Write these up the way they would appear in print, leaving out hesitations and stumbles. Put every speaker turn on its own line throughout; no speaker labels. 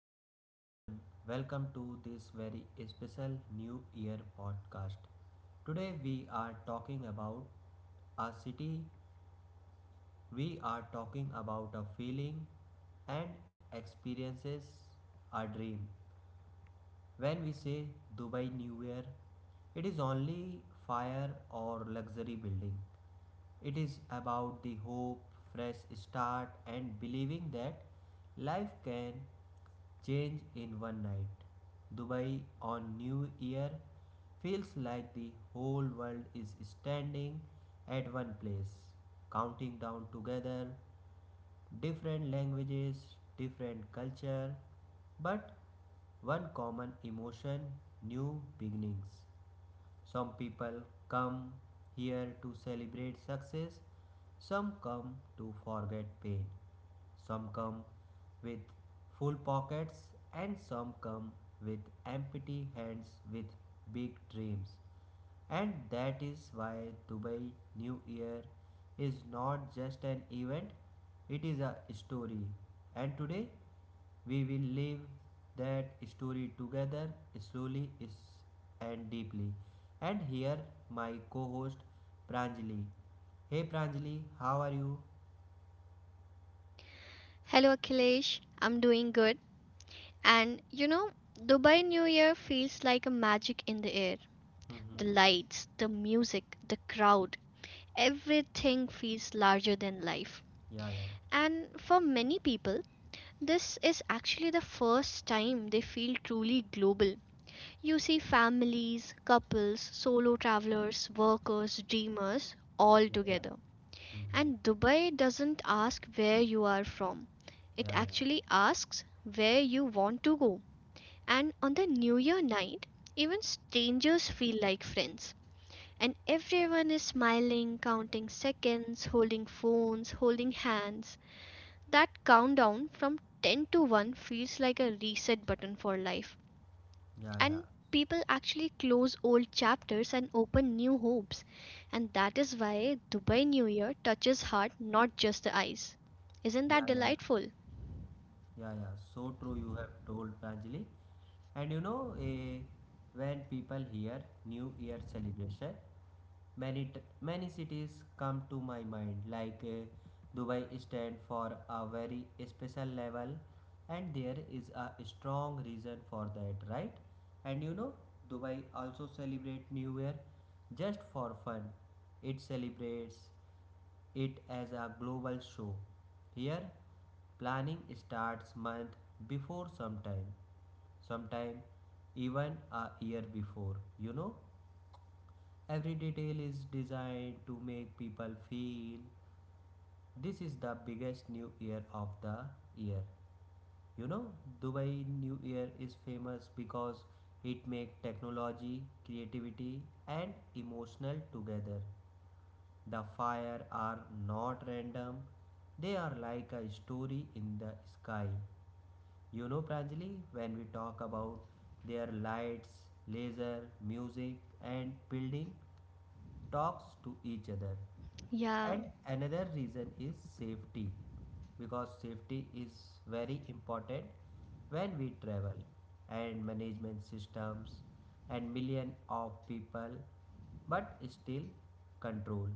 Hello everyone, welcome to this very special New Year podcast. Today we are talking about a city, we are talking about a feeling and experiences a dream. When we say Dubai New Year, it is only fire or luxury building. It is about the hope, fresh start, and believing that life can change in one night. Dubai on New Year feels like the whole world is standing at one place, counting down together, different languages, different culture, but one common emotion new beginnings. Some people come here to celebrate success, some come to forget pain, some come with full pockets, and some come with empty hands with big dreams. And that is why Dubai New Year is not just an event, it is a story. And today we will live that story together slowly is- and deeply. And here my co-host Pranjali. Hey Pranjali, how are you?
Hello Akhilesh, I'm doing good. And you know, Dubai New Year feels like a magic in the air.
Mm-hmm.
The lights, the music, the crowd, everything feels larger than life.
Yeah, yeah.
And for many people, this is actually the first time they feel truly global. You see families, couples, solo travelers, workers, dreamers all
Yeah, yeah.
together.
Mm-hmm.
And Dubai doesn't ask where you are from, it
Yeah, yeah.
actually asks where you want to go. And on the New Year night, even strangers feel like friends. And everyone is smiling, counting seconds, holding phones, holding hands. That countdown from 10 to 1 feels like a reset button for life,
Yeah, yeah.
and people actually close old chapters and open new hopes. And that is why Dubai New Year touches heart, not just the eyes. Isn't
Yeah,
that
yeah.
delightful?
Yeah, yeah. So true you have told, Pranjali. And you know, when people hear New Year celebration, many cities come to my mind, like Dubai stand for a very special level, and there is a strong reason for that, right? And you know, Dubai also celebrate New Year just for fun. It celebrates it as a global show. Here, planning starts month before sometime sometime even a year before. You know, every detail is designed to make people feel this is the biggest new year of the year. You know, Dubai New Year is famous because it makes technology, creativity, and emotional together. The fire are not random; they are like a story in the sky. You know, Pranjali, when we talk about their lights, laser, music, and building, talks to each other.
Yeah,
And another reason is safety, because safety is very important when we travel, and management systems and million of people but still control,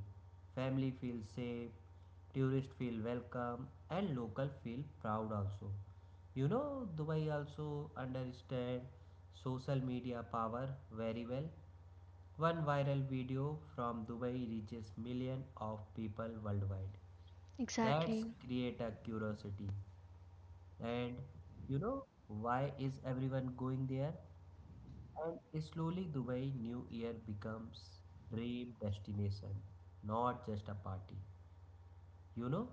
family feels safe, tourists feel welcome and local feel proud also. You know, Dubai also understand social media power very well. One viral video from Dubai reaches millions of people worldwide. That's
exactly.
create a curiosity. And you know why is everyone going there? And slowly Dubai New Year becomes dream destination, not just a party. You know,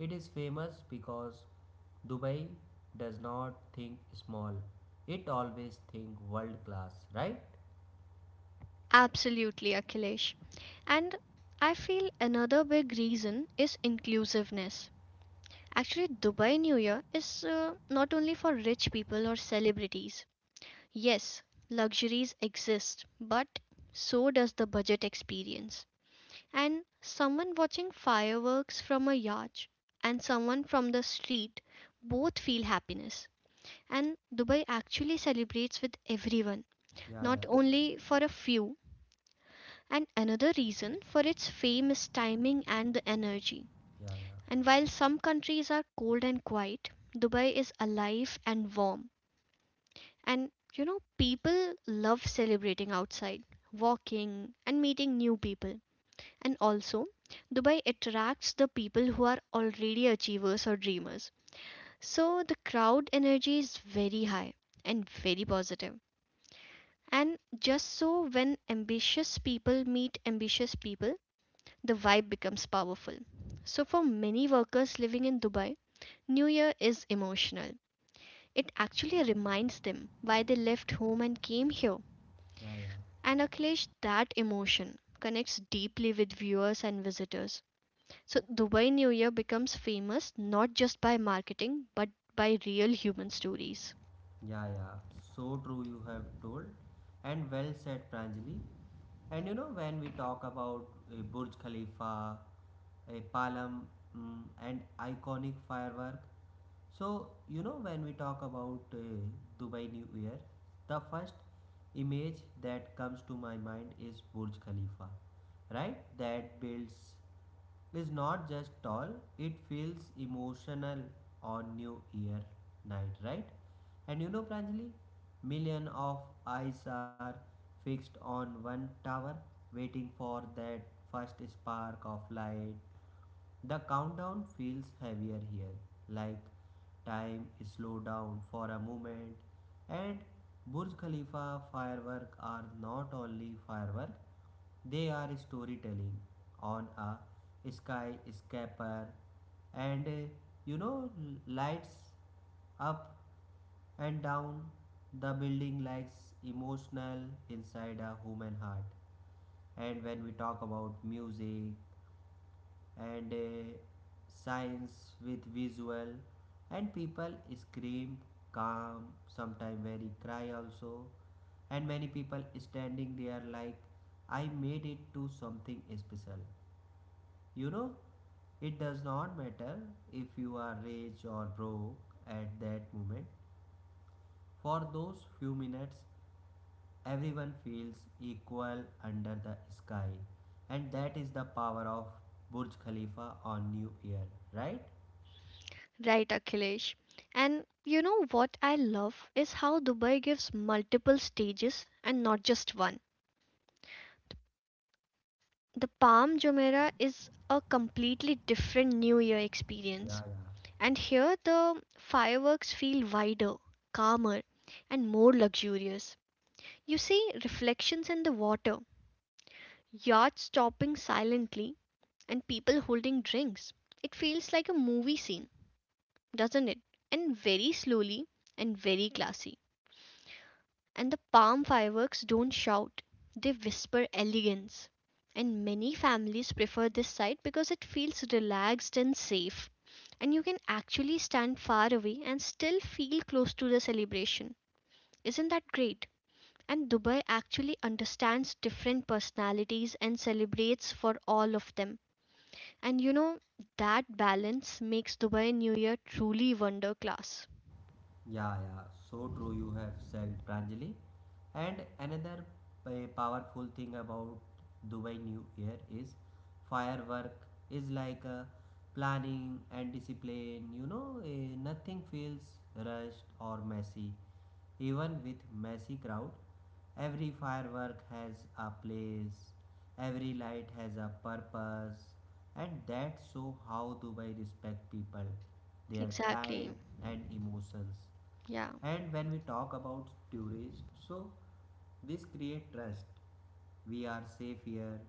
it is famous because Dubai does not think small. It always think world class, right?
Absolutely, Akhilesh. And I feel another big reason is inclusiveness. Actually, Dubai New Year is uh, not only for rich people or celebrities. Yes, luxuries exist, but so does the budget experience. And someone watching fireworks from a yacht and someone from the street both feel happiness. And Dubai actually celebrates with everyone,
Yeah,
not
yeah,
only for a few. And another reason for its fame is timing and the energy.
yeah, yeah.
And while some countries are cold and quiet, Dubai is alive and warm. And you know, people love celebrating outside, walking, and meeting new people. And also, Dubai attracts the people who are already achievers or dreamers. So the crowd energy is very high and very positive. And just so when ambitious people meet ambitious people, the vibe becomes powerful. So for many workers living in Dubai, New Year is emotional. It actually reminds them why they left home and came here.
Yeah, yeah,
And Akhilesh, that emotion connects deeply with viewers and visitors. So, Dubai New Year becomes famous not just by marketing but by real human stories.
yeah, yeah. So true, you have told, and well said, Pranjali. And you know, when we talk about Burj Khalifa, a Palam, mm, and iconic firework. So, you know, when we talk about Dubai New Year, the first image that comes to my mind is Burj Khalifa, right? That builds is not just tall, it feels emotional on New Year night, right? And you know, Pranjali, million of eyes are fixed on one tower, waiting for that first spark of light. The countdown feels heavier here, like time is slowed down for a moment. And Burj Khalifa fireworks are not only fireworks, they are storytelling on a sky scraper. And you know, lights up and down the building likes emotional inside a human heart. And when we talk about music, and science with visual, and people scream, calm sometime very cry also. And many people standing there like I made it to something special. You know, it does not matter if you are rich or broke. At that moment, for those few minutes, everyone feels equal under the sky, and that is the power of Burj Khalifa on New Year, right?
Right, Akhilesh. And you know what I love is how Dubai gives multiple stages and not just one. The Palm Jumeirah is a completely different New Year
Yeah,
experience.
yeah,
And here the fireworks feel wider, calmer, and more luxurious. You see reflections in the water, yachts stopping silently, and people holding drinks. It feels like a movie scene, doesn't it? And very slowly and very classy. And the palm fireworks don't shout, they whisper elegance. And many families prefer this site because it feels relaxed and safe. And you can actually stand far away and still feel close to the celebration. Isn't that great? And Dubai actually understands different personalities and celebrates for all of them. And you know, that balance makes Dubai New Year truly wonder class.
yeah, yeah. So true. You have said, Pranjali. And another powerful thing about Dubai New Year is firework is like a planning and discipline. You know, nothing feels rushed or messy. Even with messy crowd, every firework has a place, every light has a purpose, and that's so how Dubai respect people, their
Exactly.
time and emotions.
Yeah.
And when we talk about tourists, so this create trust. We are safe here.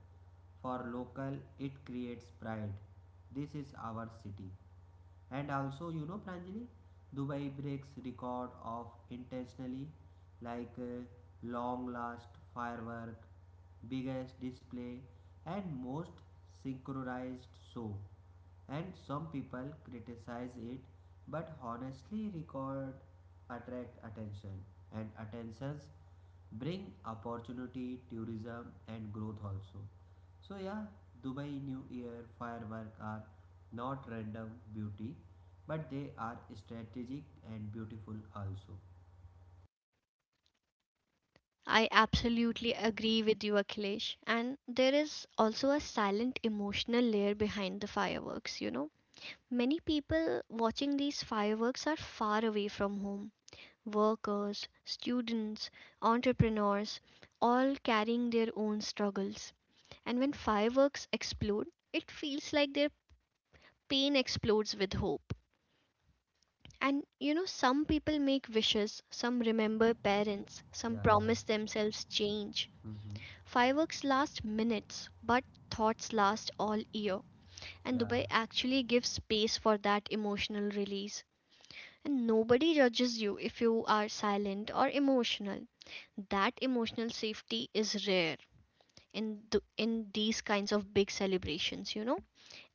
For local, it creates pride. This is our city. And also, you know, Pranjali, Dubai breaks record of intentionally like long last firework, biggest display, and most synchronized show. And some people criticize it, but honestly, record attract attention, and attentions bring opportunity, tourism, and growth also. So yeah, Dubai New Year fireworks are not random beauty, but they are strategic and beautiful also.
I absolutely agree with you, Akhilesh. And there is also a silent emotional layer behind the fireworks, you know. Many people watching these fireworks are far away from home. Workers, students, entrepreneurs, all carrying their own struggles. And when fireworks explode, it feels like their pain explodes with hope. And you know, some people make wishes, some remember parents, some
Yeah, yeah.
promise themselves change.
Mm-hmm.
Fireworks last minutes, but thoughts last all year. And
Yeah.
Dubai actually gives space for that emotional release. And nobody judges you if you are silent or emotional. That emotional safety is rare in these kinds of big celebrations, you know.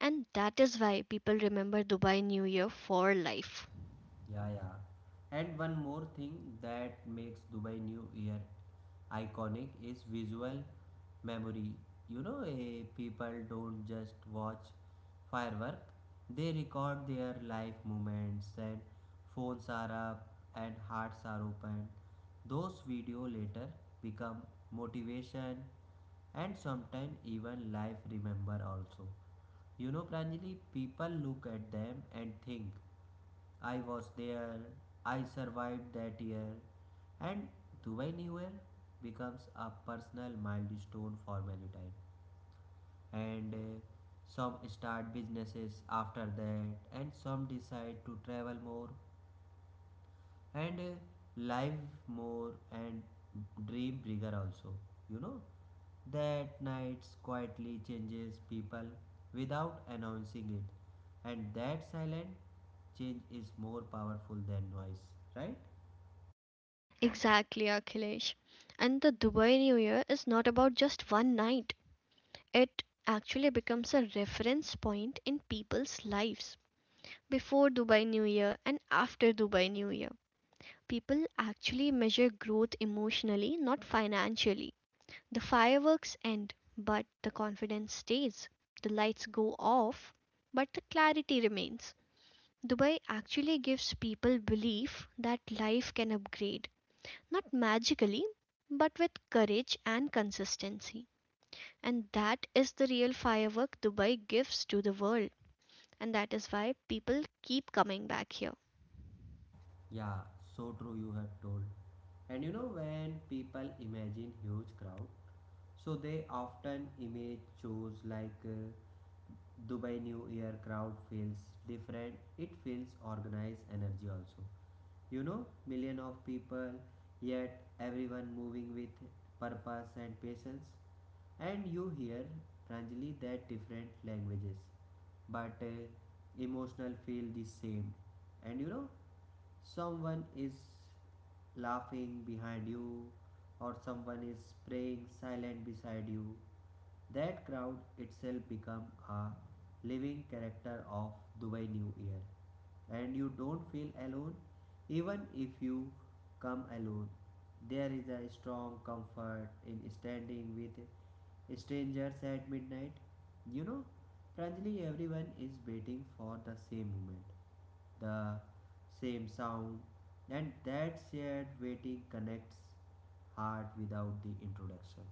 And that is why people remember Dubai New Year for life.
Yeah, yeah. And one more thing that makes Dubai New Year iconic is visual memory. You know, people don't just watch firework, they record their life moments and phones are up and hearts are open. Those video later become motivation and sometimes even life remember also. You know, Pranjali, people look at them and think I was there, I survived that year, and Dubai New Year becomes a personal milestone for many time. And some start businesses after that, and some decide to travel more, and live more and dream bigger also. You know, that nights quietly changes people without announcing it, and that silent change is more powerful than noise, right?
Exactly, Akhilesh. And the Dubai New Year is not about just one night. It actually becomes a reference point in people's lives. Before Dubai New Year and after Dubai New Year, people actually measure growth emotionally, not financially. The fireworks end, but the confidence stays. The lights go off, but the clarity remains. Dubai actually gives people belief that life can upgrade, not magically, but with courage and consistency. And that is the real firework Dubai gives to the world. And that is why people keep coming back here.
Yeah, so true you have told. And you know, when people imagine huge crowd, so they often image shows like Dubai New Year crowd feels different, it feels organized energy also. You know, million of people yet everyone moving with purpose and patience. And you hear, Pranjali, that different languages but emotional feel the same. And you know, someone is laughing behind you or someone is praying silent beside you. That crowd itself become a living character of Dubai New Year, and you don't feel alone even if you come alone. There is a strong comfort in standing with strangers at midnight. You know, Pranjali, everyone is waiting for the same moment, the same sound, and that shared waiting connects heart without the introduction.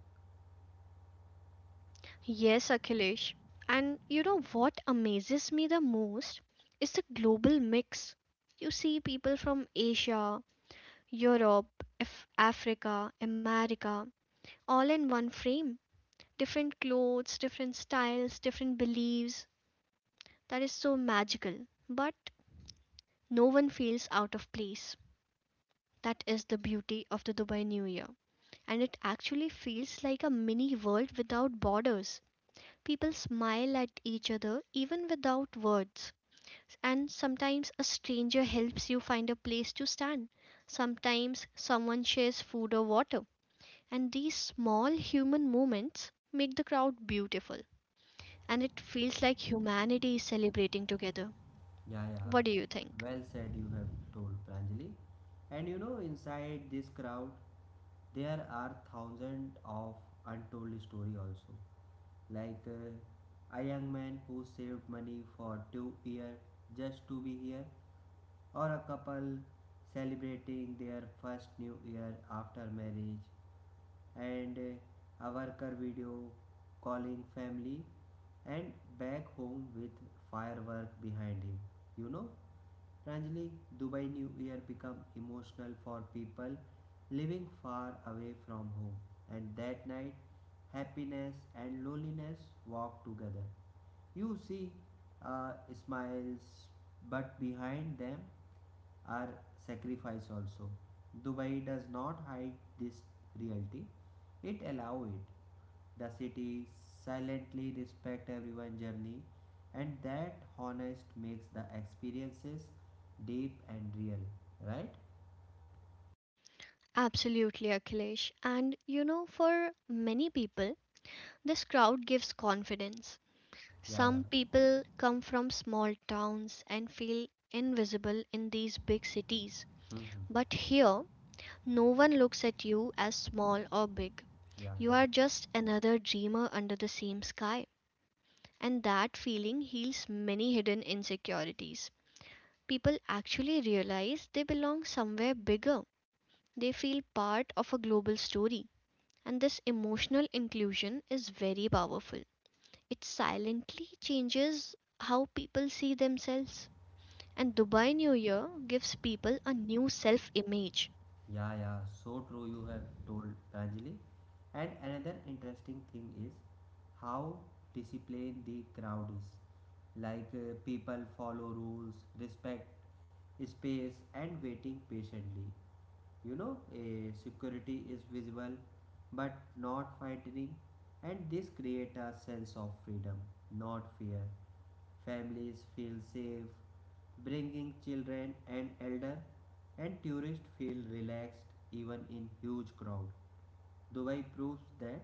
Yes, Akhilesh. And you know what amazes me the most is the global mix. You see people from Asia, Europe, Africa, America, all in one frame. Different clothes, different styles, different beliefs. That is so magical. But no one feels out of place. That is the beauty of the Dubai New Year. And it actually feels like a mini world without borders. People smile at each other even without words. And sometimes a stranger helps you find a place to stand. Sometimes someone shares food or water. And these small human moments make the crowd beautiful. And it feels like humanity is celebrating together.
Yeah, yeah,
What do you think?
well said, you have told, Pranjali. And you know, inside this crowd, there are thousands of untold story also. Like a young man who saved money for 2 years just to be here, or a couple celebrating their first new year after marriage, and a worker video calling family and back home with firework behind him. You know, Ranjali, Dubai New Year became emotional for people living far away from home, and that night, happiness and loneliness walk together. You see uh, smiles, but behind them, are sacrificed also. Dubai does not hide this reality, it allows it. The city silently respect everyone's journey, and that honest makes the experiences deep and real, right?
Absolutely, Akhilesh. And you know, for many people, this crowd gives confidence.
Yeah,
Some
yeah.
people come from small towns and feel invisible in these big cities.
Hmm.
But here, no one looks at you as small or big.
Yeah,
You
yeah.
are just another dreamer under the same sky. And that feeling heals many hidden insecurities. People actually realize they belong somewhere bigger. They feel part of a global story. And this emotional inclusion is very powerful. It silently changes how people see themselves. And Dubai New Year gives people a new self image.
Yeah, yeah, so true you have told, Pranjali. And another interesting thing is how disciplined the crowd is. Like people follow rules, respect space, and waiting patiently. You know, a security is visible but not frightening, and this creates a sense of freedom, not fear. Families feel safe, bringing children and elder, and tourists feel relaxed even in huge crowd. Dubai proves that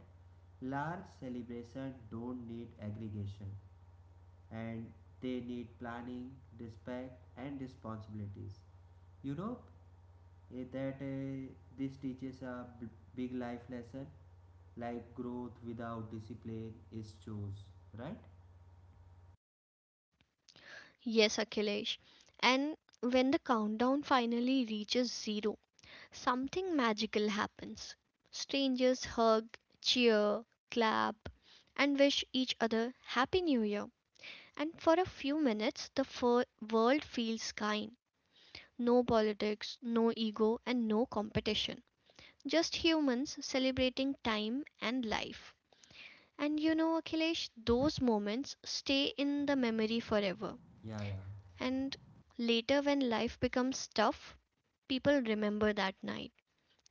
large celebrations don't need aggregation, and they need planning, respect, and responsibilities. Europe eh, that eh, This teaches a big life lesson like growth without discipline is choose, right?
Yes, Akhilesh. And when the countdown finally reaches zero, something magical happens. Strangers hug, cheer, clap, and wish each other Happy New Year. And for a few minutes, the world feels kind. No politics, no ego, and no competition. Just humans celebrating time and life. And you know, Akhilesh, those moments stay in the memory forever.
Yeah, yeah.
And later, when life becomes tough, people remember that night.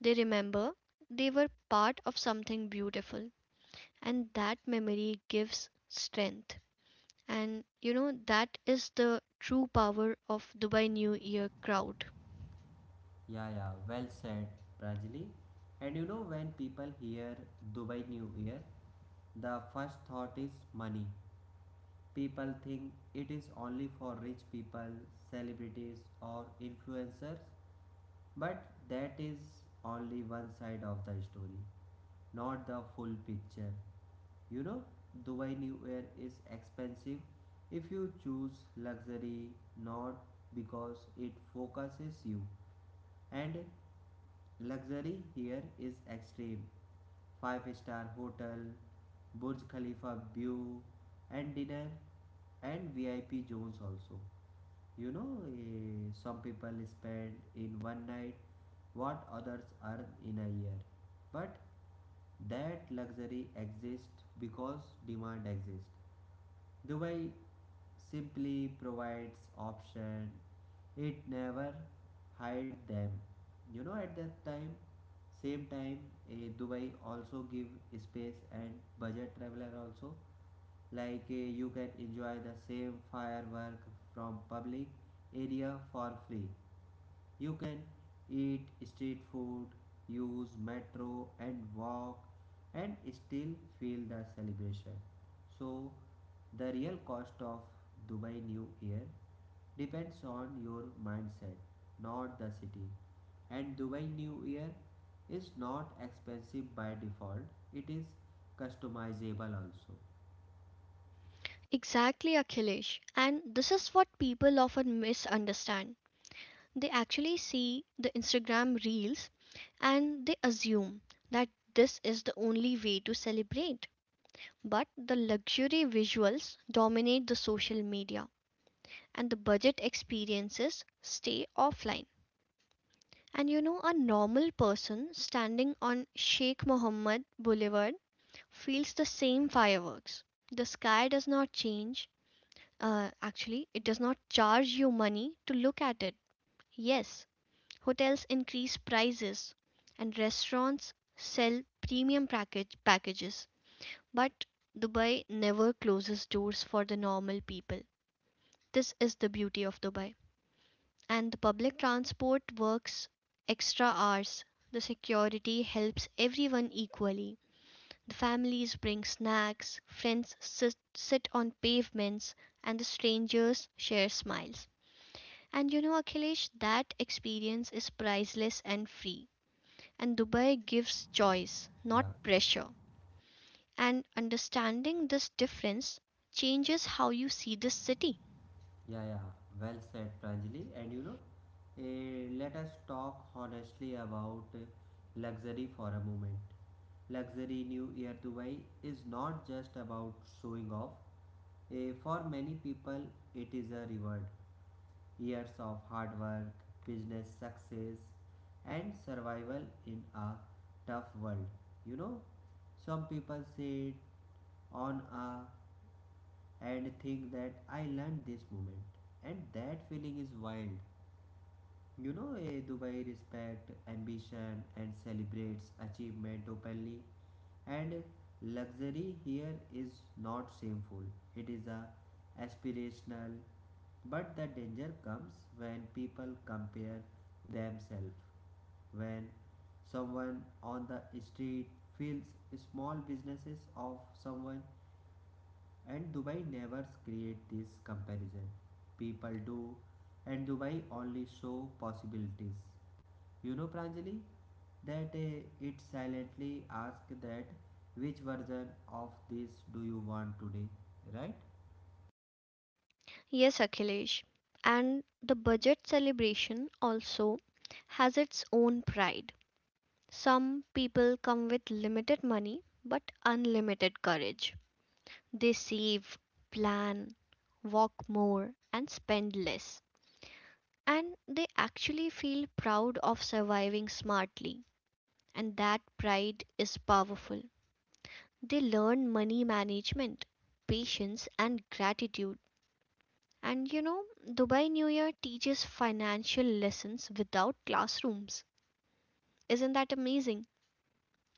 They remember they were part of something beautiful. And that memory gives strength. And you know, that is the true power of Dubai New Year crowd.
Yeah, yeah, well said, Prajali. And you know, when people hear Dubai New Year, the first thought is money. People think it is only for rich people, celebrities, or influencers, but that is only one side of the story, not the full picture. You know, Dubai New Year is expensive if you choose luxury, not because it focuses you. And luxury here is extreme. 5-star star hotel, Burj Khalifa view, and dinner and VIP zones also. You know, some people spend in one night what others earn in a year. But that luxury exists because demand exists. Dubai simply provides option, it never hide them. You know, at that time same time, Dubai also give space and budget traveler also. Like you can enjoy the same firework from public area for free. You can eat street food, use metro and walk, and still feel the celebration. So the real cost of Dubai New Year depends on your mindset, not the city. And Dubai New Year is not expensive by default, it is customizable also.
Exactly, Akhilesh. And this is what people often misunderstand. They actually see the Instagram reels and they assume that this is the only way to celebrate. But the luxury visuals dominate the social media and the budget experiences stay offline. And you know, a normal person standing on Sheikh Mohammed Boulevard feels the same fireworks. The sky does not change. Actually, it does not charge you money to look at it. Yes, hotels increase prices and restaurants sell premium packages, but Dubai never closes doors for the normal people. This is the beauty of Dubai. And the public transport works extra hours. The security helps everyone equally. The families bring snacks, friends sit on pavements, and the strangers share smiles. And you know, Akhilesh, that experience is priceless and free. And Dubai gives choice, not
Yeah,
pressure. And understanding this difference changes how you see this city.
yeah, yeah. Well said, Pranjali. And you know, let us talk honestly about luxury for a moment. Luxury New Year Dubai is not just about showing off. For many people, it is a reward. Years of hard work, business success, and survival in a tough world. You know, some people say on a and think that I learned this moment, and that feeling is wild. You know, Dubai respect ambition and celebrates achievement openly, and luxury here is not shameful. It is a aspirational, but the danger comes when people compare themselves. When someone on the street feels small businesses of someone, and Dubai never create this comparison. People do, and Dubai only show possibilities, you know, Pranjali, that it silently asks that which version of this do you want today, right?
Yes, Akhilesh. And the budget celebration also has its own pride. Some people come with limited money but unlimited courage. They save, plan, walk more, and spend less. And they actually feel proud of surviving smartly, and that pride is powerful. They learn money management, patience and gratitude. And you know, Dubai New Year teaches financial lessons without classrooms. Isn't that amazing?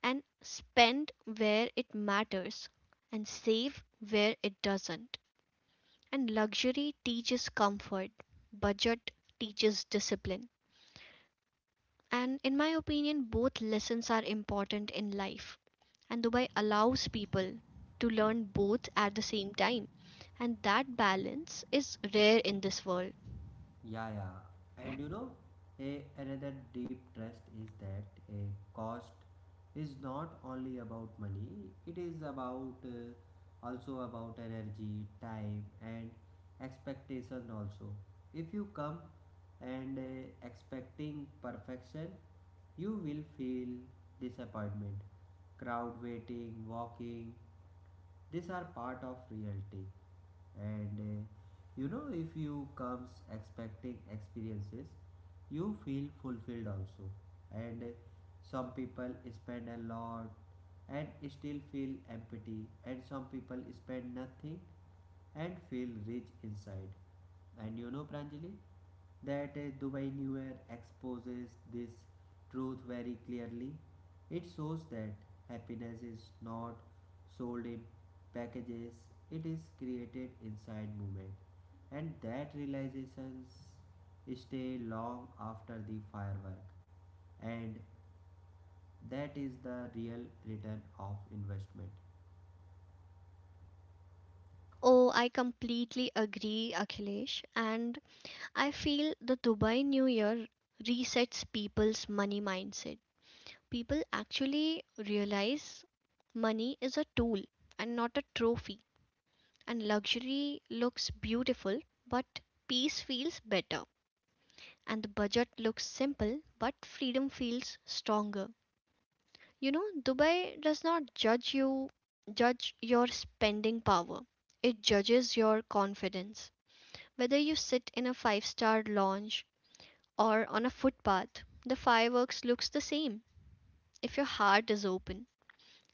And spend where it matters, and save where it doesn't. And luxury teaches comfort, budget teaches discipline. And in my opinion, both lessons are important in life. And Dubai allows people to learn both at the same time. And that balance is rare in this world.
Yeah, yeah. And you know, another deep trust is that a cost is not only about money, it is about also about energy, time, and expectation. Also, if you come and expecting perfection, you will feel disappointment, crowd waiting, walking. These are part of reality and you know, if you comes expecting experiences, you feel fulfilled also. And some people spend a lot and still feel empty, and some people spend nothing and feel rich inside. And you know, Pranjali, that Dubai New Year exposes this truth very clearly. It shows that happiness is not sold in packages, it is created inside movement. And that realizations stay long after the firework. And that is the real return of investment.
Oh, I completely agree, Akhilesh. And I feel the Dubai New Year resets people's money mindset. People actually realize money is a tool and not a trophy. And luxury looks beautiful, but peace feels better. And the budget looks simple, but freedom feels stronger. You know, Dubai does not judge you, judge your spending power. It judges your confidence. Whether you sit in a five-star lounge or on a footpath, the fireworks looks the same if your heart is open.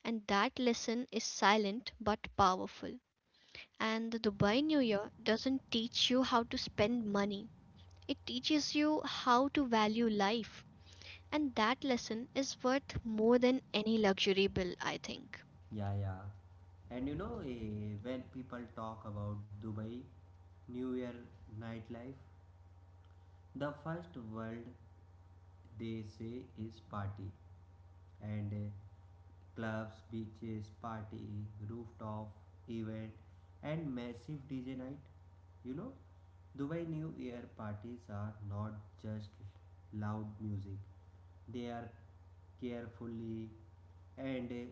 And that lesson is silent but powerful. And the Dubai New Year doesn't teach you how to spend money. It teaches you how to value life. And that lesson is worth more than any luxury bill, I think.
Yeah, yeah. And you know, when people talk about Dubai New Year nightlife, the first word they say is party, and clubs, beaches, party, rooftop event, and massive DJ night. You know, Dubai New Year parties are not just loud music, they are carefully and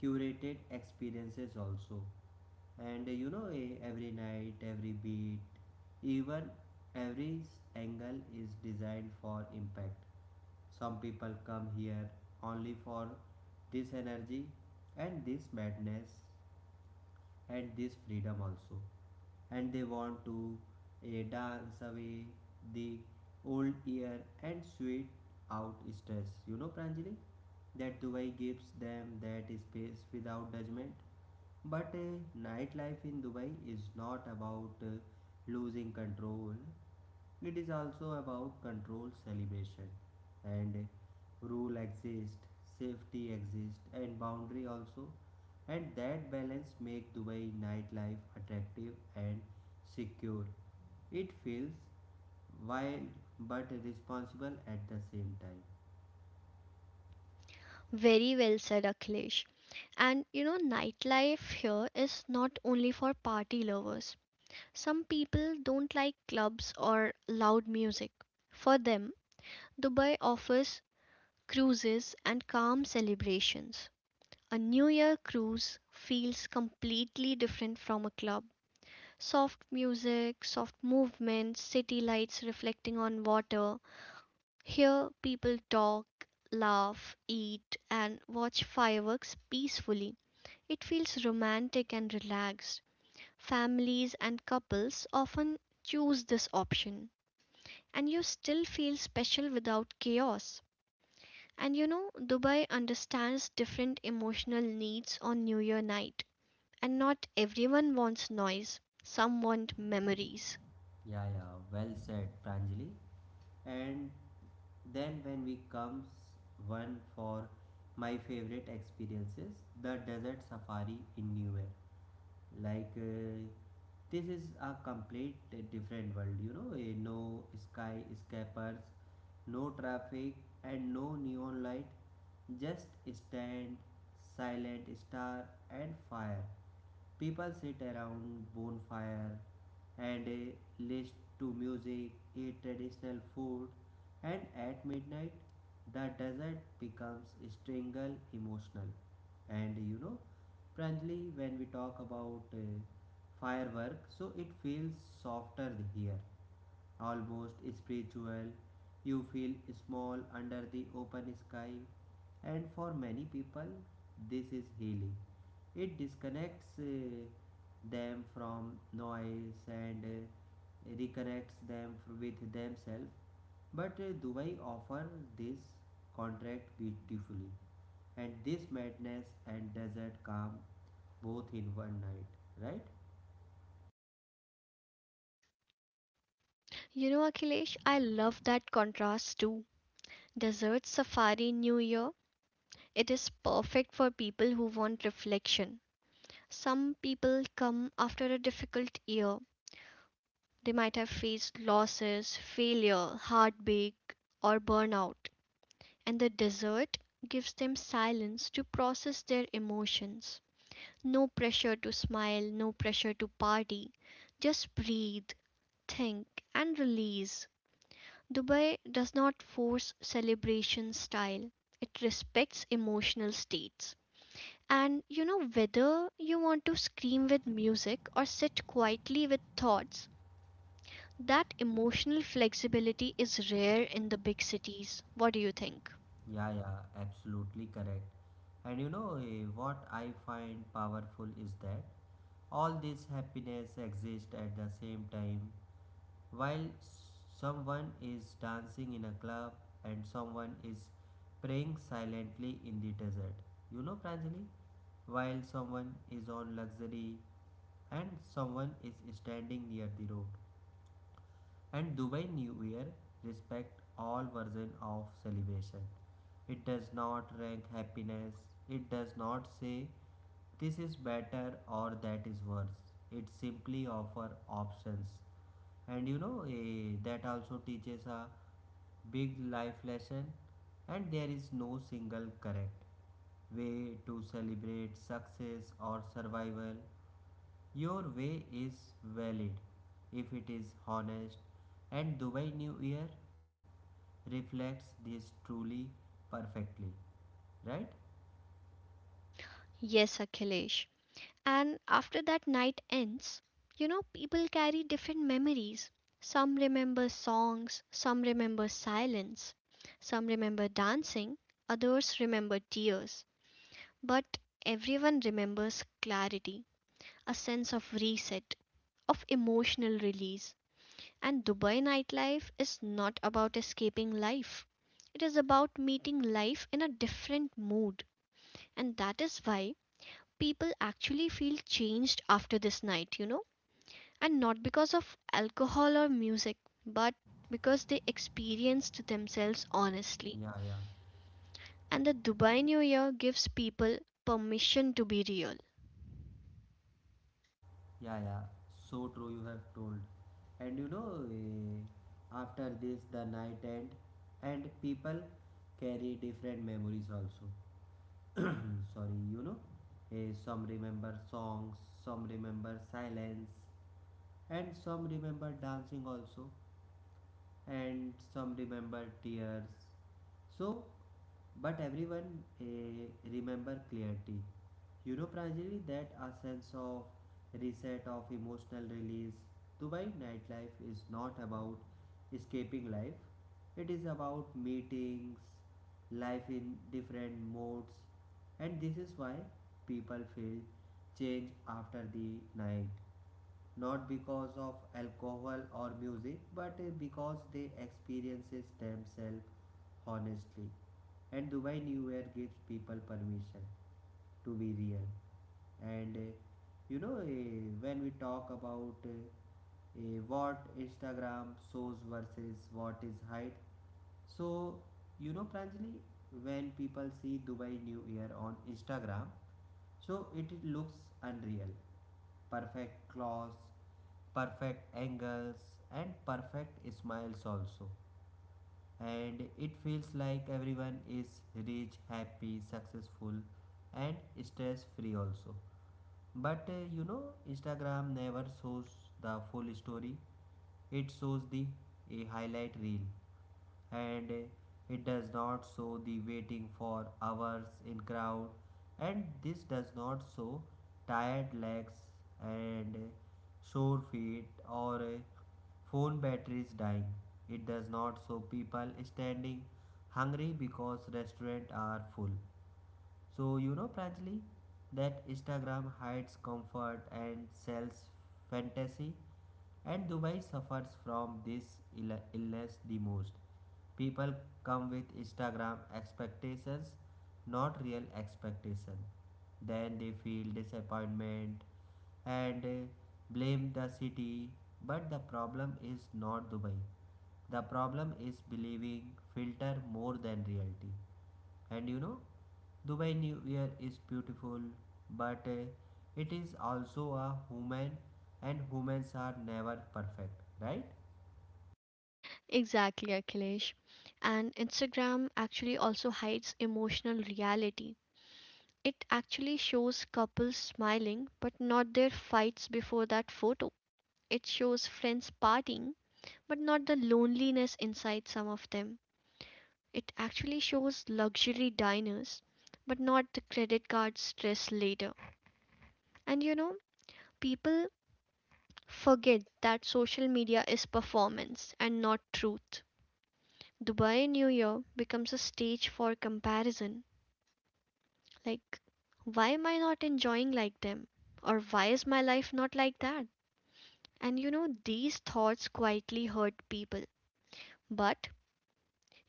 curated experiences also. And you know, every night, every beat, even angle is designed for impact. Some people come here only for this energy and this madness and this freedom also, and they want to dance away the old year and sweat out stress. You know, Pranjali, that Dubai gives them that space without judgment. But nightlife in Dubai is not about losing control, it is also about control, celebration, and rule exist, safety exist, and boundary also. And that balance make Dubai nightlife attractive and secure. It feels wild but responsible at the same time.
Very well said, Akhilesh. And you know, nightlife here is not only for party lovers. Some people don't like clubs or loud music. For them, Dubai offers cruises and calm celebrations. A New Year cruise feels completely different from a club. Soft music, soft movement, city lights reflecting on water. Here, people talk, laugh, eat, and watch fireworks peacefully. It feels romantic and relaxed. Families and couples often choose this option, and you still feel special without chaos. And you know, Dubai understands different emotional needs on New Year night, and not everyone wants noise, some want memories.
Yeah, yeah, well said, Pranjali. And then when we comes one for my favorite experiences, the desert safari in New York. like uh, this is a complete different world. You know, no sky escapers, no traffic, and no neon light, just stand, silent star, and fire. People sit around bonfire and listen to music, eat traditional food, and at midnight the desert becomes strangle emotional. And you know, Pranjali, when we talk about firework, so it feels softer here, almost spiritual. You feel small under the open sky, and for many people, this is healing. It disconnects them from noise and reconnects with themselves. But Dubai offers this contract beautifully, and this madness and desert calm both in one night, right?
You know, Akhilesh, I love that contrast too. Desert safari New Year, it is perfect for people who want reflection. Some people come after a difficult year. They might have faced losses, failure, heartbreak, or burnout. And the desert gives them silence to process their emotions. No pressure to smile, no pressure to party. Just breathe, think, and release. Dubai does not force celebration style, it respects emotional states. And you know, whether you want to scream with music or sit quietly with thoughts, that emotional flexibility is rare in the big cities. What do you think?
Yeah, yeah, absolutely correct. And you know, what I find powerful is that all this happiness exists at the same time. While someone is dancing in a club and someone is praying silently in the desert, you know, Pranjali, while someone is on luxury and someone is standing near the road. And Dubai New Year respect all version of celebration. It does not rank happiness. It does not say this is better or that is worse. It simply offer options. And you know, that also teaches a big life lesson, and there is no single correct way to celebrate success or survival. Your way is valid if it is honest, and Dubai New Year reflects this truly perfectly, right?
Yes, Akhilesh. And after that night ends, you know, people carry different memories. Some remember songs, some remember silence, some remember dancing, others remember tears. But everyone remembers clarity, a sense of reset of emotional release. And Dubai nightlife is not about escaping life, it is about meeting life in a different mood. And that is why people actually feel changed after this night, you know, and not because of alcohol or music, but because they experienced themselves honestly.
Yeah, yeah,
And the Dubai New Year gives people permission to be real.
yeah. So true, you have told. And you know, after this, the night end, and people carry different memories also. Sorry, you know, some remember songs, some remember silence, and some remember dancing also. And some remember tears. So, but everyone remember clarity. You know, Pranjali, that a sense of reset of emotional release. Dubai nightlife is not about escaping life. It is about meetings, life in different modes, and this is why people feel change after the night, not because of alcohol or music, but because they experiences themselves honestly. And Dubai New Year gives people permission to be real. And you know, when we talk about what Instagram shows versus what is hide, so you know, Pranjali, when people see Dubai New Year on Instagram, so it looks unreal, perfect clothes, perfect angles, and perfect smiles also. And it feels like everyone is rich, happy, successful, and stress free also. But you know, Instagram never shows the full story. It shows the a highlight reel, and it does not show the waiting for hours in crowd, and this does not show tired legs and sore feet or phone batteries dying. It does not show people standing hungry because restaurants are full. So, you know, Pranjali, that Instagram hides comfort and sells fantasy, and Dubai suffers from this illness the most. People come with Instagram expectations, not real expectation. Then they feel disappointment and blame the city. But the problem is not Dubai. The problem is believing filter more than reality. And you know, Dubai New Year is beautiful, but it is also a human, and humans are never perfect, right?
Exactly, Akhilesh. And Instagram actually also hides emotional reality. It actually shows couples smiling, but not their fights before that photo. It shows friends partying, but not the loneliness inside some of them. It actually shows luxury diners, but not the credit card stress later. And you know, people forget that social media is performance and not truth. Dubai New Year becomes a stage for comparison. Like, why am I not enjoying like them? Or why is my life not like that? And you know, these thoughts quietly hurt people. But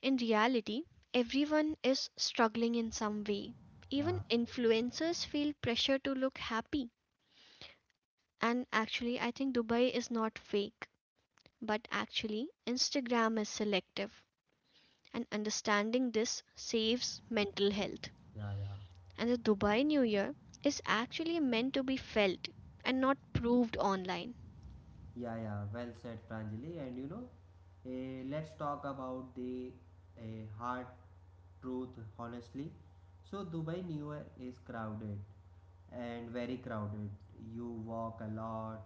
in reality, everyone is struggling in some way. Even
Yeah,
influencers feel pressure to look happy. And actually, I think Dubai is not fake, but actually, Instagram is selective. And understanding this saves mental health.
yeah, yeah.
And the Dubai New Year is actually meant to be felt and not proved online.
Yeah, yeah, well said, Pranjali. And you know, eh, let's talk about the hard truth honestly. So, Dubai New Year is crowded, and very crowded. You walk a lot,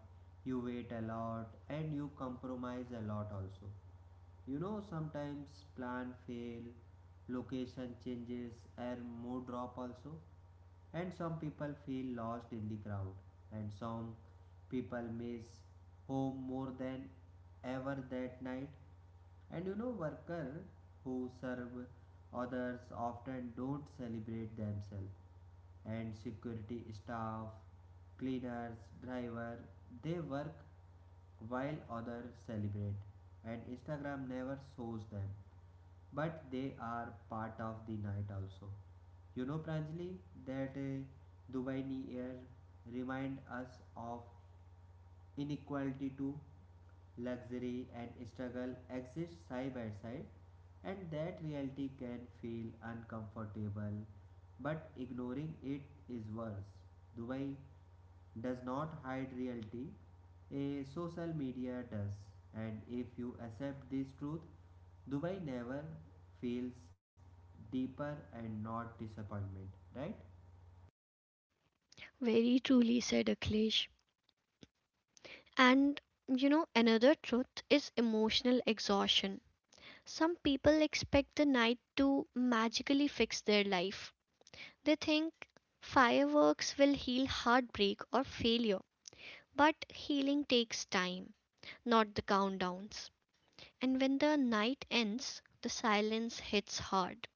you wait a lot, and you compromise a lot also. You know, sometimes plan fail, location changes, and mood drop also. And some people feel lost in the crowd, and some people miss home more than ever that night. And you know, workers who serve others often don't celebrate themselves, and security staff, cleaners, driver, they work while others celebrate, and Instagram never shows them, but they are part of the night also. You know, Pranjali, that Dubai New Year remind us of inequality to luxury and struggle exist side by side, and that reality can feel uncomfortable, but ignoring it is worse. Dubai does not hide reality, a social media does, and if you accept this truth, Dubai never feels deeper and not disappointment, right?
Very truly said, Akhilesh. And you know, another truth is emotional exhaustion. Some people expect the night to magically fix their life. They think fireworks will heal heartbreak or failure, but healing takes time, not the countdowns. And when the night ends, the silence hits hard.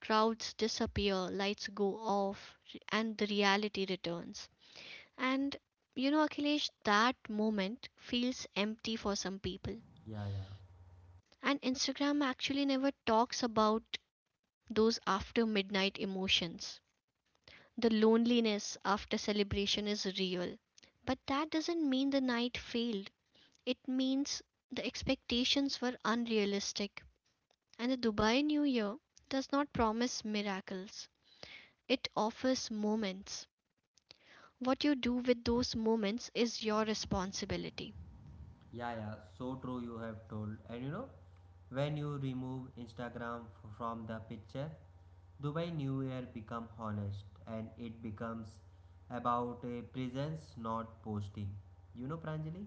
Crowds disappear, lights go off, and the reality returns. And you know, Akhilesh, that moment feels empty for some people.
Yeah, yeah.
And Instagram actually never talks about those after midnight emotions. The loneliness after celebration is real. But that doesn't mean the night failed. It means the expectations were unrealistic. And the Dubai New Year does not promise miracles, it offers moments. What you do with those moments is your responsibility.
Yeah, yeah, so true, you have told. And you know, when you remove Instagram from the picture, Dubai New Year become honest and it becomes about a presence not posting. You know, Pranjali?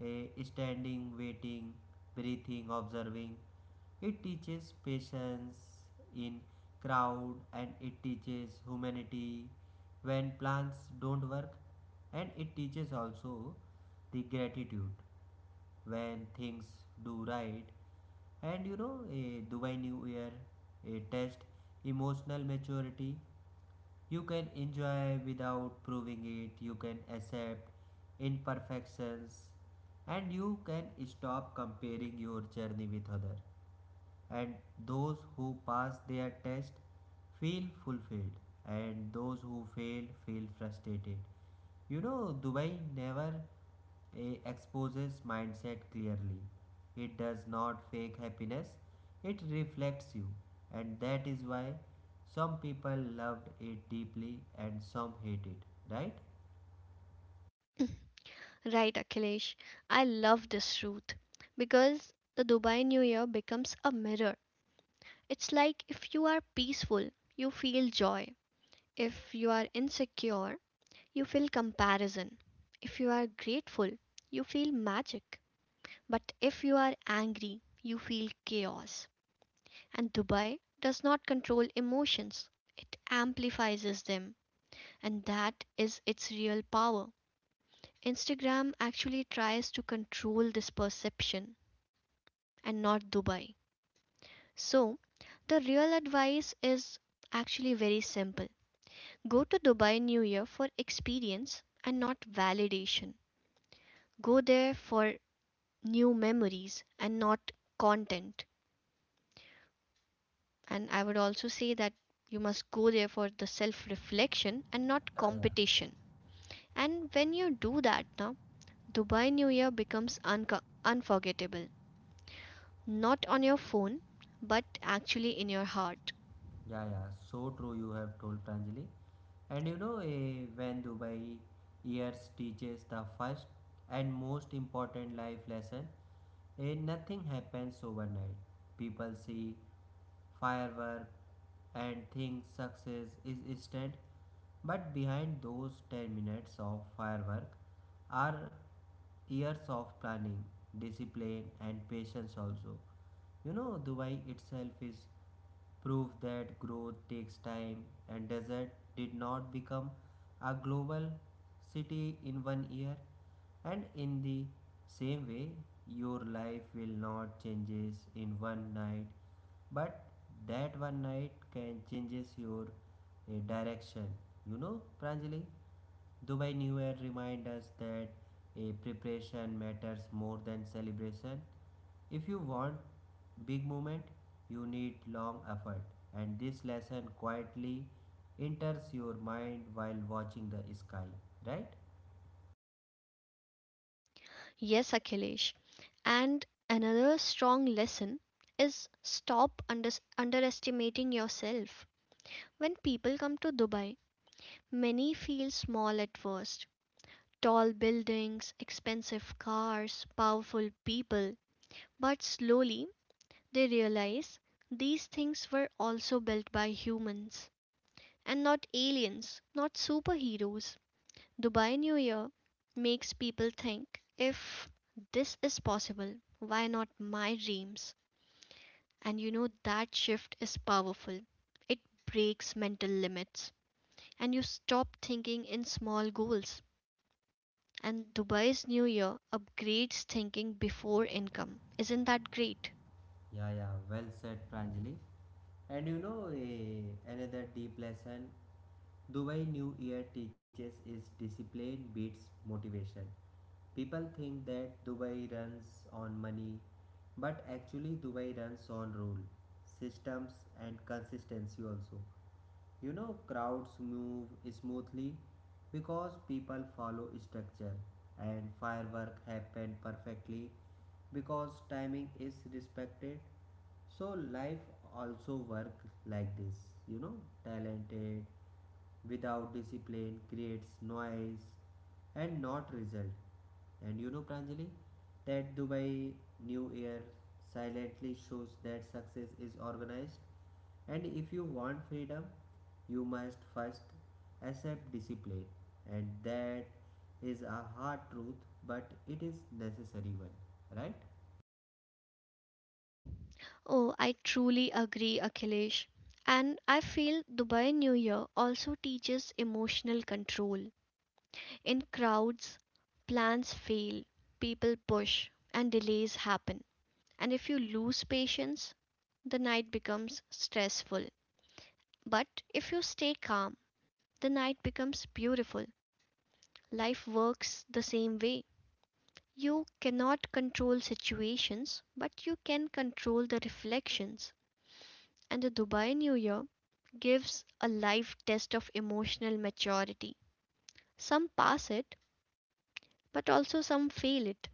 A standing, waiting, breathing, observing. It teaches patience in crowd, and it teaches humanity when plans don't work, and it teaches also the gratitude when things do right. And you know, a Dubai New Year a test emotional maturity. You can enjoy without proving it, you can accept imperfections, and you can stop comparing your journey with others. And those who pass their test feel fulfilled, and those who fail feel frustrated. You know, Dubai never exposes mindset clearly. It does not fake happiness, it reflects you, and that is why some people loved it deeply and some hate it, right?
Right, Akhilesh. I love this truth because the Dubai New Year becomes a mirror. It's like, if you are peaceful, you feel joy. If you are insecure, you feel comparison. If you are grateful, you feel magic. But if you are angry, you feel chaos. And Dubai does not control emotions, it amplifies them. And that is its real power. Instagram actually tries to control this perception and not Dubai. So, the real advice is actually very simple. Go to Dubai New Year for experience and not validation. Go there for new memories and not content. And I would also say that you must go there for the self reflection and not
Yeah, yeah.
competition. And when you do that now, Dubai New Year becomes unforgettable. Not on your phone, but actually in your heart.
Yeah, yeah, so true. You have told, Pranjali, and you know, when Dubai years teaches the first and most important life lesson, nothing happens overnight. People see firework and think success is instant, but behind those 10 minutes of firework are years of planning, discipline, and patience also. You know, Dubai itself is prove that growth takes time, and desert did not become a global city in 1 year, and in the same way your life will not changes in one night, but that one night can changes your direction. You know, Pranjali, Dubai New Year reminds us that a preparation matters more than celebration. If you want big moment, you need long effort, and this lesson quietly enters your mind while watching the sky, right?
Yes, Akhilesh. And another strong lesson is stop underestimating yourself. When people come to Dubai, many feel small at first. Tall buildings, expensive cars, powerful people. But slowly they realize these things were also built by humans and not aliens, not superheroes. Dubai New Year makes people think, if this is possible, why not my dreams? And you know, that shift is powerful, it breaks mental limits, and you stop thinking in small goals. And Dubai's New Year upgrades thinking before income. Isn't that great?
Yeah, yeah, well said, Pranjali. And you know, another deep lesson Dubai New Year teaches is discipline beats motivation. People think that Dubai runs on money, but actually, Dubai runs on rule, systems, and consistency also. You know, crowds move smoothly because people follow structure, and firework happen perfectly because timing is respected. So life also work like this. You know, talented without discipline creates noise and not result. And you know, Pranjali, that Dubai New Year silently shows that success is organized. And if you want freedom, you must first accept discipline. And that is a hard truth, but it is necessary one, right?
Oh, I truly agree, Akhilesh. And I feel Dubai New Year also teaches emotional control. In crowds, plans fail, people push, and delays happen. And if you lose patience, the night becomes stressful. But if you stay calm, the night becomes beautiful. Life works the same way. You cannot control situations, but you can control the reflections. And the Dubai New Year gives a live test of emotional maturity. Some pass it, but also some fail it.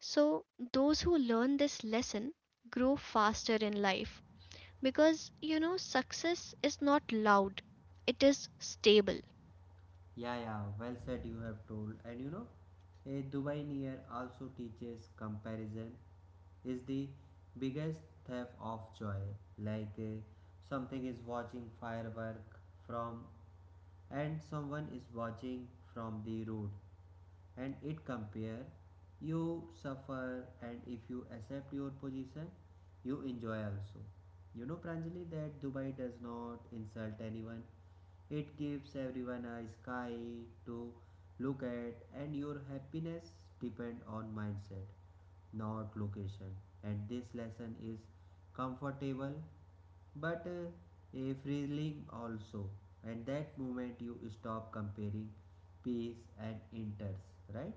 So, those who learn this lesson grow faster in life, because you know, success is not loud, it is stable.
Yeah, yeah, well said, you have told. And you know, a Dubai near also teaches comparison is the biggest theft of joy. Like uh, something is watching firework from, and someone is watching from the road, and it compare you suffer, and if you accept your position, you enjoy also. You know, Pranjali, that Dubai does not insult anyone, it gives everyone a sky to look at, and your happiness depends on mindset, not location. And this lesson is comfortable but a freeing also. And that moment you stop comparing, peace and enters, right?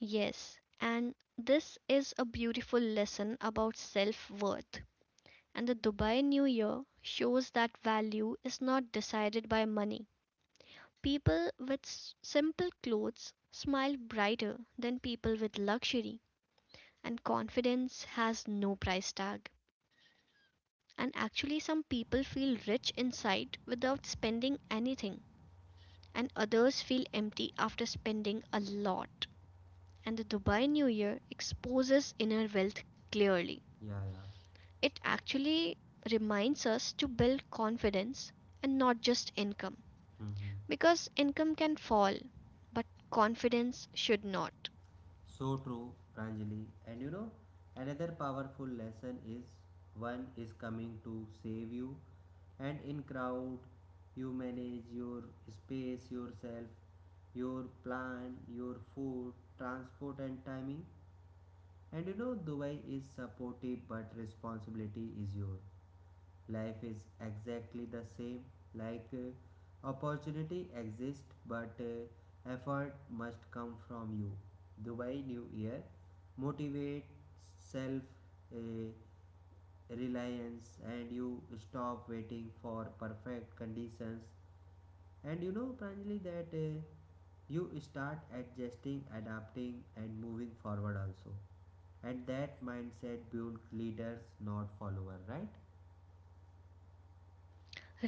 Yes, and this is a beautiful lesson about self worth, and the Dubai New Year shows that value is not decided by money. People with simple clothes smile brighter than people with luxury, and confidence has no price tag. And actually, some people feel rich inside without spending anything, and others feel empty after spending a lot. And the Dubai New Year exposes inner wealth clearly.
Yeah, yeah.
It actually reminds us to build confidence and not just income,
Mm-hmm.
because income can fall but confidence should not.
So true, Pranjali. And you know, another powerful lesson is one is coming to save you, and in crowd, you manage your space, yourself, your plan, your food, transport, and timing. And you know, Dubai is supportive, but responsibility is yours. Life is exactly the same. Like opportunity exists, but effort must come from you. Dubai New Year motivate self uh, reliance, and you stop waiting for perfect conditions. And you know, Pranjali, that you start adjusting, adapting, and moving forward also, and that mindset build leaders, not follower, right?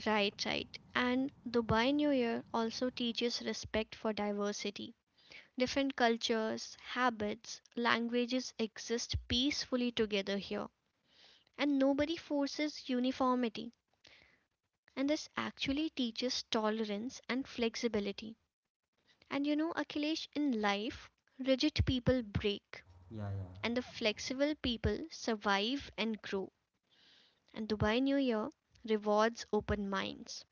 Right, right. And Dubai New Year also teaches respect for diversity. Different cultures, habits, languages exist peacefully together here, and nobody forces uniformity. And this actually teaches tolerance and flexibility. And you know, Akhilesh, in life rigid people break,
yeah yeah
and the flexible people survive and grow. And Dubai New Year rewards open minds.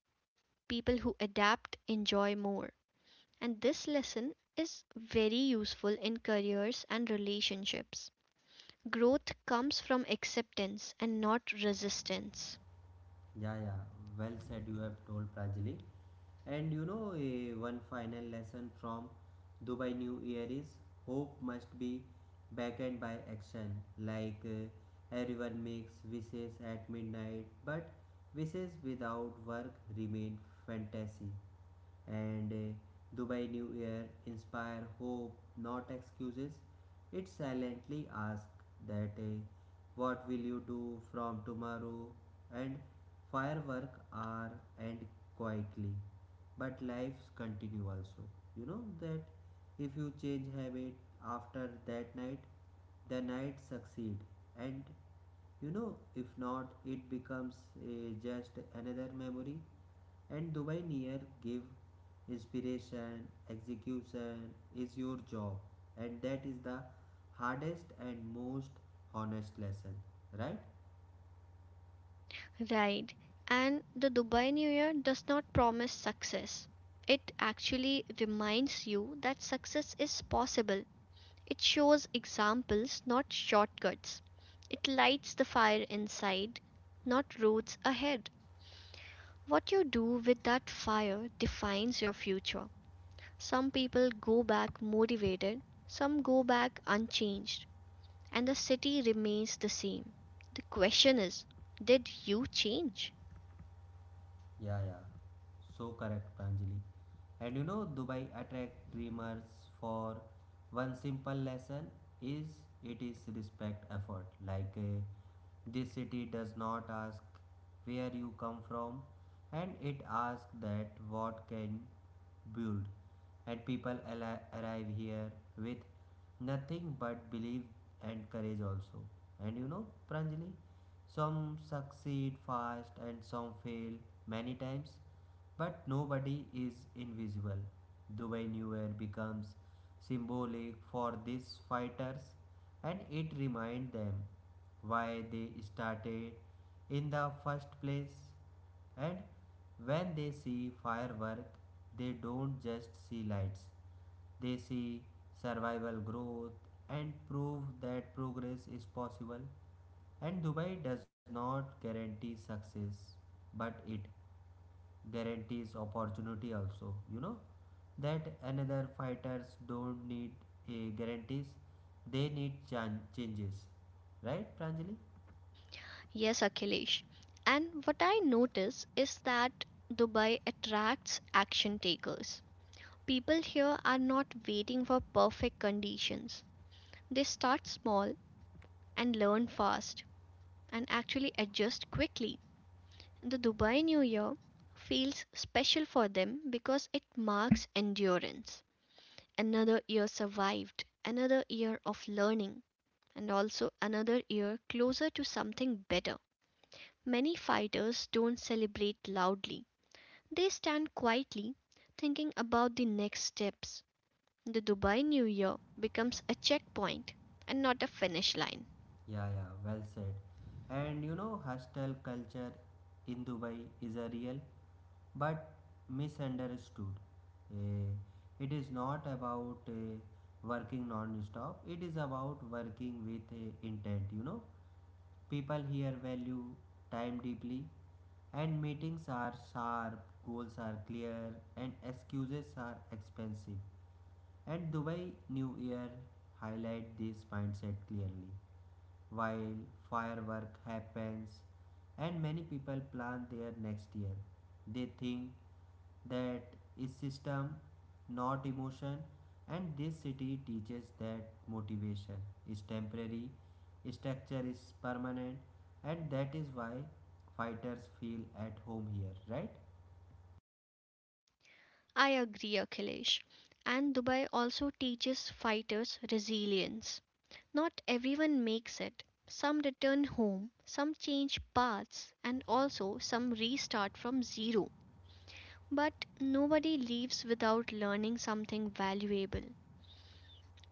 People who adapt enjoy more. And this lesson is very useful in careers and relationships. Growth comes from acceptance and not resistance.
Yeah, yeah. Well said, you have told Prajali. And you know, one final lesson from Dubai New Year is hope must be backed by action. Like everyone makes wishes at midnight, but wishes without work remain fantasy. And Dubai New Year inspire hope, not excuses. It silently asks that what will you do from tomorrow? And firework are end quietly, but lives continue also. You know that if you change habit after that night, the night succeed. And you know, if not, it becomes just another memory. And Dubai Near give inspiration, execution is your job, and that is the hardest and most honest lesson, right?
Right. And the Dubai New Year does not promise success. It actually reminds you that success is possible. It shows examples, not shortcuts. It lights the fire inside, not roads ahead. What you do with that fire defines your future. Some people go back motivated, some go back unchanged, and the city remains the same. The question is, did you change?
Yeah, yeah, so correct, Pranjali. And you know, Dubai attract dreamers for one simple lesson is it is respect effort. Like this city does not ask where you come from, and it asks that what can build. And people arrive here with nothing but belief and courage also. And you know, Pranjali, some succeed fast and some fail many times, but nobody is invisible. Dubai New Year becomes symbolic for these fighters, and it reminds them why they started in the first place. And when they see firework, they don't just see lights. They see survival growth and prove that progress is possible. And Dubai does not guarantee success, but it guarantees opportunity also. You know that another fighters don't need a guarantees, they need changes, right, Pranjali?
Yes, Akhilesh. And what I notice is that Dubai attracts action takers. People here are not waiting for perfect conditions. They start small and learn fast and actually adjust quickly. The Dubai New Year feels special for them because it marks endurance. Another year survived, another year of learning, and also another year closer to something better. Many fighters don't celebrate loudly, they stand quietly thinking about the next steps. The Dubai New Year becomes a checkpoint and not a finish line.
Yeah, yeah, well said. And you know, hostel culture in Dubai is a real but misunderstood. Eh, it is not about working non stop, it is about working with intent, you know. People here value time deeply, and meetings are sharp, goals are clear, and excuses are expensive. And Dubai New Year highlight this mindset clearly. While firework happens and many people plan their next year, they think that is system, not emotion. And this city teaches that motivation is temporary, structure is permanent, and that is why fighters feel at home here, right?
I agree, Akhilesh. And Dubai also teaches fighters resilience. Not everyone makes it. Some return home, some change paths, and also some restart from zero. But nobody leaves without learning something valuable.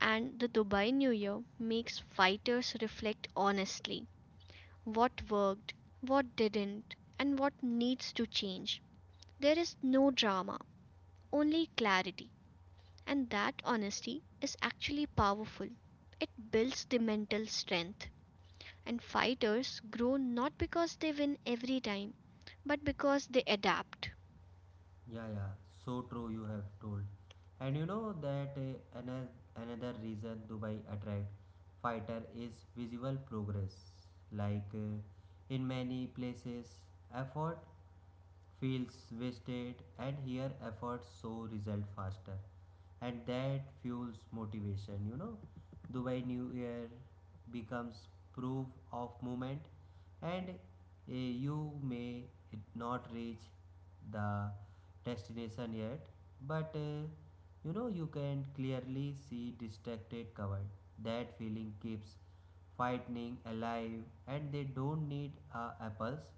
And the Dubai New Year makes fighters reflect honestly. What worked, what didn't, and what needs to change. There is no drama, only clarity, and that honesty is actually powerful. It builds the mental strength, and fighters grow not because they win every time, but because they adapt.
Yeah, yeah, so true, you have told. And you know that another reason Dubai attract fighter is visible progress. Like in many places effort feels wasted, and here efforts show result faster, and that fuels motivation. You know, Dubai New Year becomes proof of movement. And you may not reach the destination yet, but you know you can clearly see distracted covered. That feeling keeps fighting alive, and they don't need apples,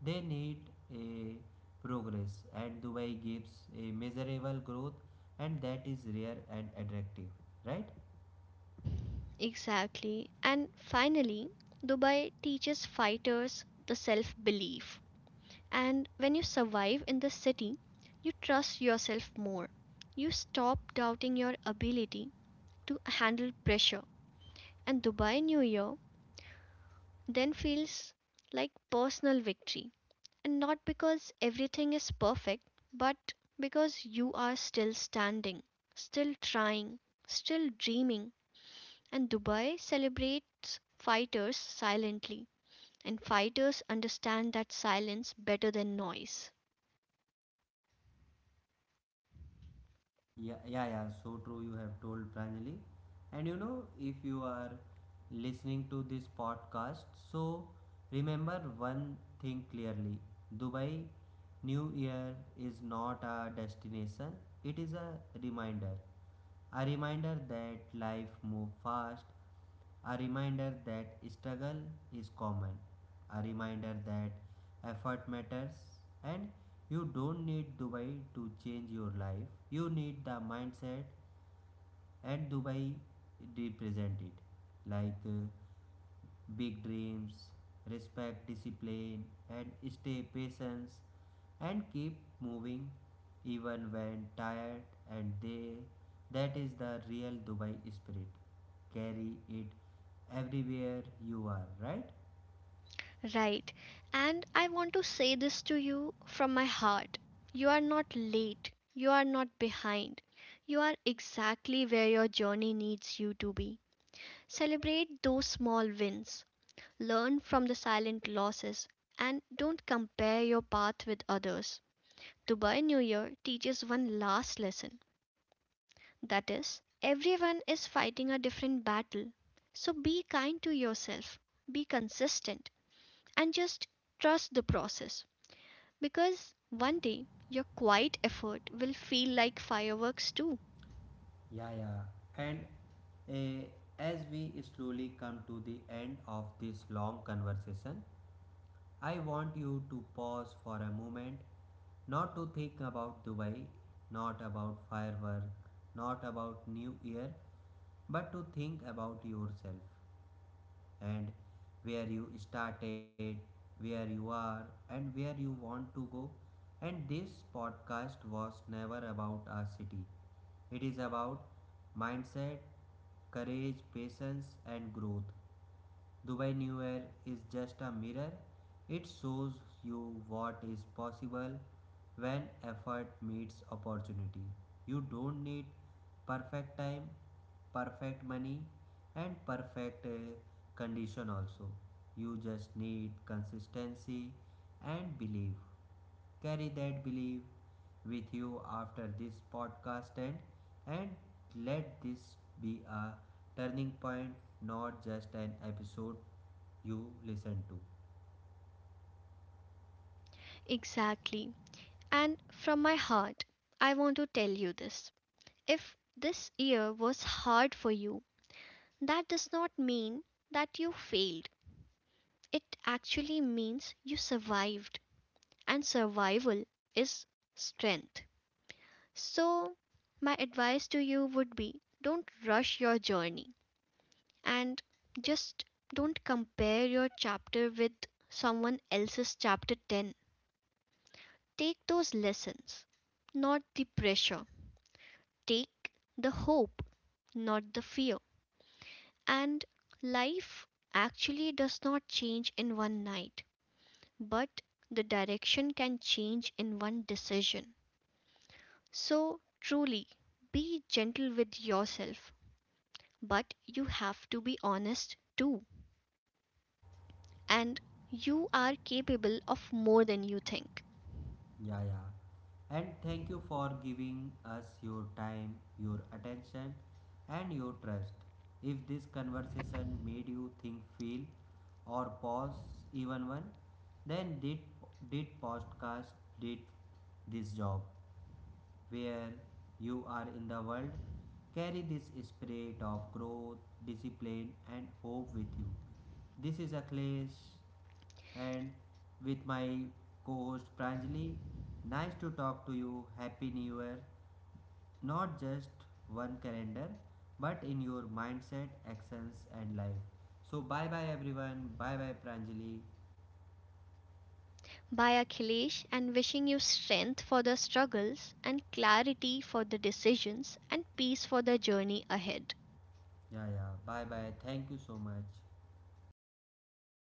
they need a progress. And Dubai gives a measurable growth, and that is rare and attractive, right?
Exactly. And finally, Dubai teaches fighters the self belief. And when you survive in the city, you trust yourself more. You stop doubting your ability to handle pressure. And Dubai New Year then feels like personal victory. And not because everything is perfect, but because you are still standing, still trying, still dreaming. And Dubai celebrates fighters silently. And fighters understand that silence better than noise.
Yeah, yeah, yeah. So true. You have told Pranjali. And you know, if you are listening to this podcast, so remember one thing clearly: Dubai New Year is not a destination; it is a reminder. A reminder that life moves fast. A reminder that struggle is common. A reminder that effort matters. And you don't need Dubai to change your life. You need the mindset. And Dubai represented like big dreams, respect, discipline, and stay patience and keep moving even when tired. And they, that is the real Dubai spirit. Carry it everywhere you are, right?
Right. And I want to say this to you from my heart. You are not late. You are not behind. You are exactly where your journey needs you to be. Celebrate those small wins. Learn from the silent losses and don't compare your path with others. Dubai New Year teaches one last lesson, that is, everyone is fighting a different battle. So be kind to yourself, be consistent, and just trust the process. Because one day your quiet effort will feel like fireworks too.
Yeah, yeah. And uh, as we slowly come to the end of this long conversation, I want you to pause for a moment, not to think about Dubai, not about firework, not about New Year, but to think about yourself and where you started, where you are, and where you want to go. And this podcast was never about a city, it is about mindset, courage, patience, and growth. Dubai New Year is just a mirror. It shows you what is possible when effort meets opportunity. You don't need perfect time, perfect money, and perfect condition also. You just need consistency and belief. Carry that belief with you after this podcast, and let this be a turning point, not just an episode you listen to.
Exactly. And from my heart, I want to tell you this. If this year was hard for you, that does not mean that you failed. It actually means you survived. And survival is strength. So, my advice to you would be, don't rush your journey, and just don't compare your chapter with someone else's chapter 10. Take those lessons, not the pressure. Take the hope, not the fear. And life actually does not change in one night, but the direction can change in one decision. So, truly, be gentle with yourself, but you have to be honest too. And you are capable of more than you think.
Yeah, yeah. And thank you for giving us your time, your attention, and your trust. If this conversation made you think, feel, or pause even one, then did podcast did this job. Where you are in the world, carry this spirit of growth, discipline, and hope with you. This is Akhilesh, and with my co host Pranjali. Nice to talk to you. Happy New Year. Not just one calendar, but in your mindset, actions, and life. So, bye bye everyone. Bye bye Pranjali.
By Akhilesh, and wishing you strength for the struggles and clarity for the decisions and peace for the journey ahead.
Yeah, yeah. Bye bye. Thank you so much.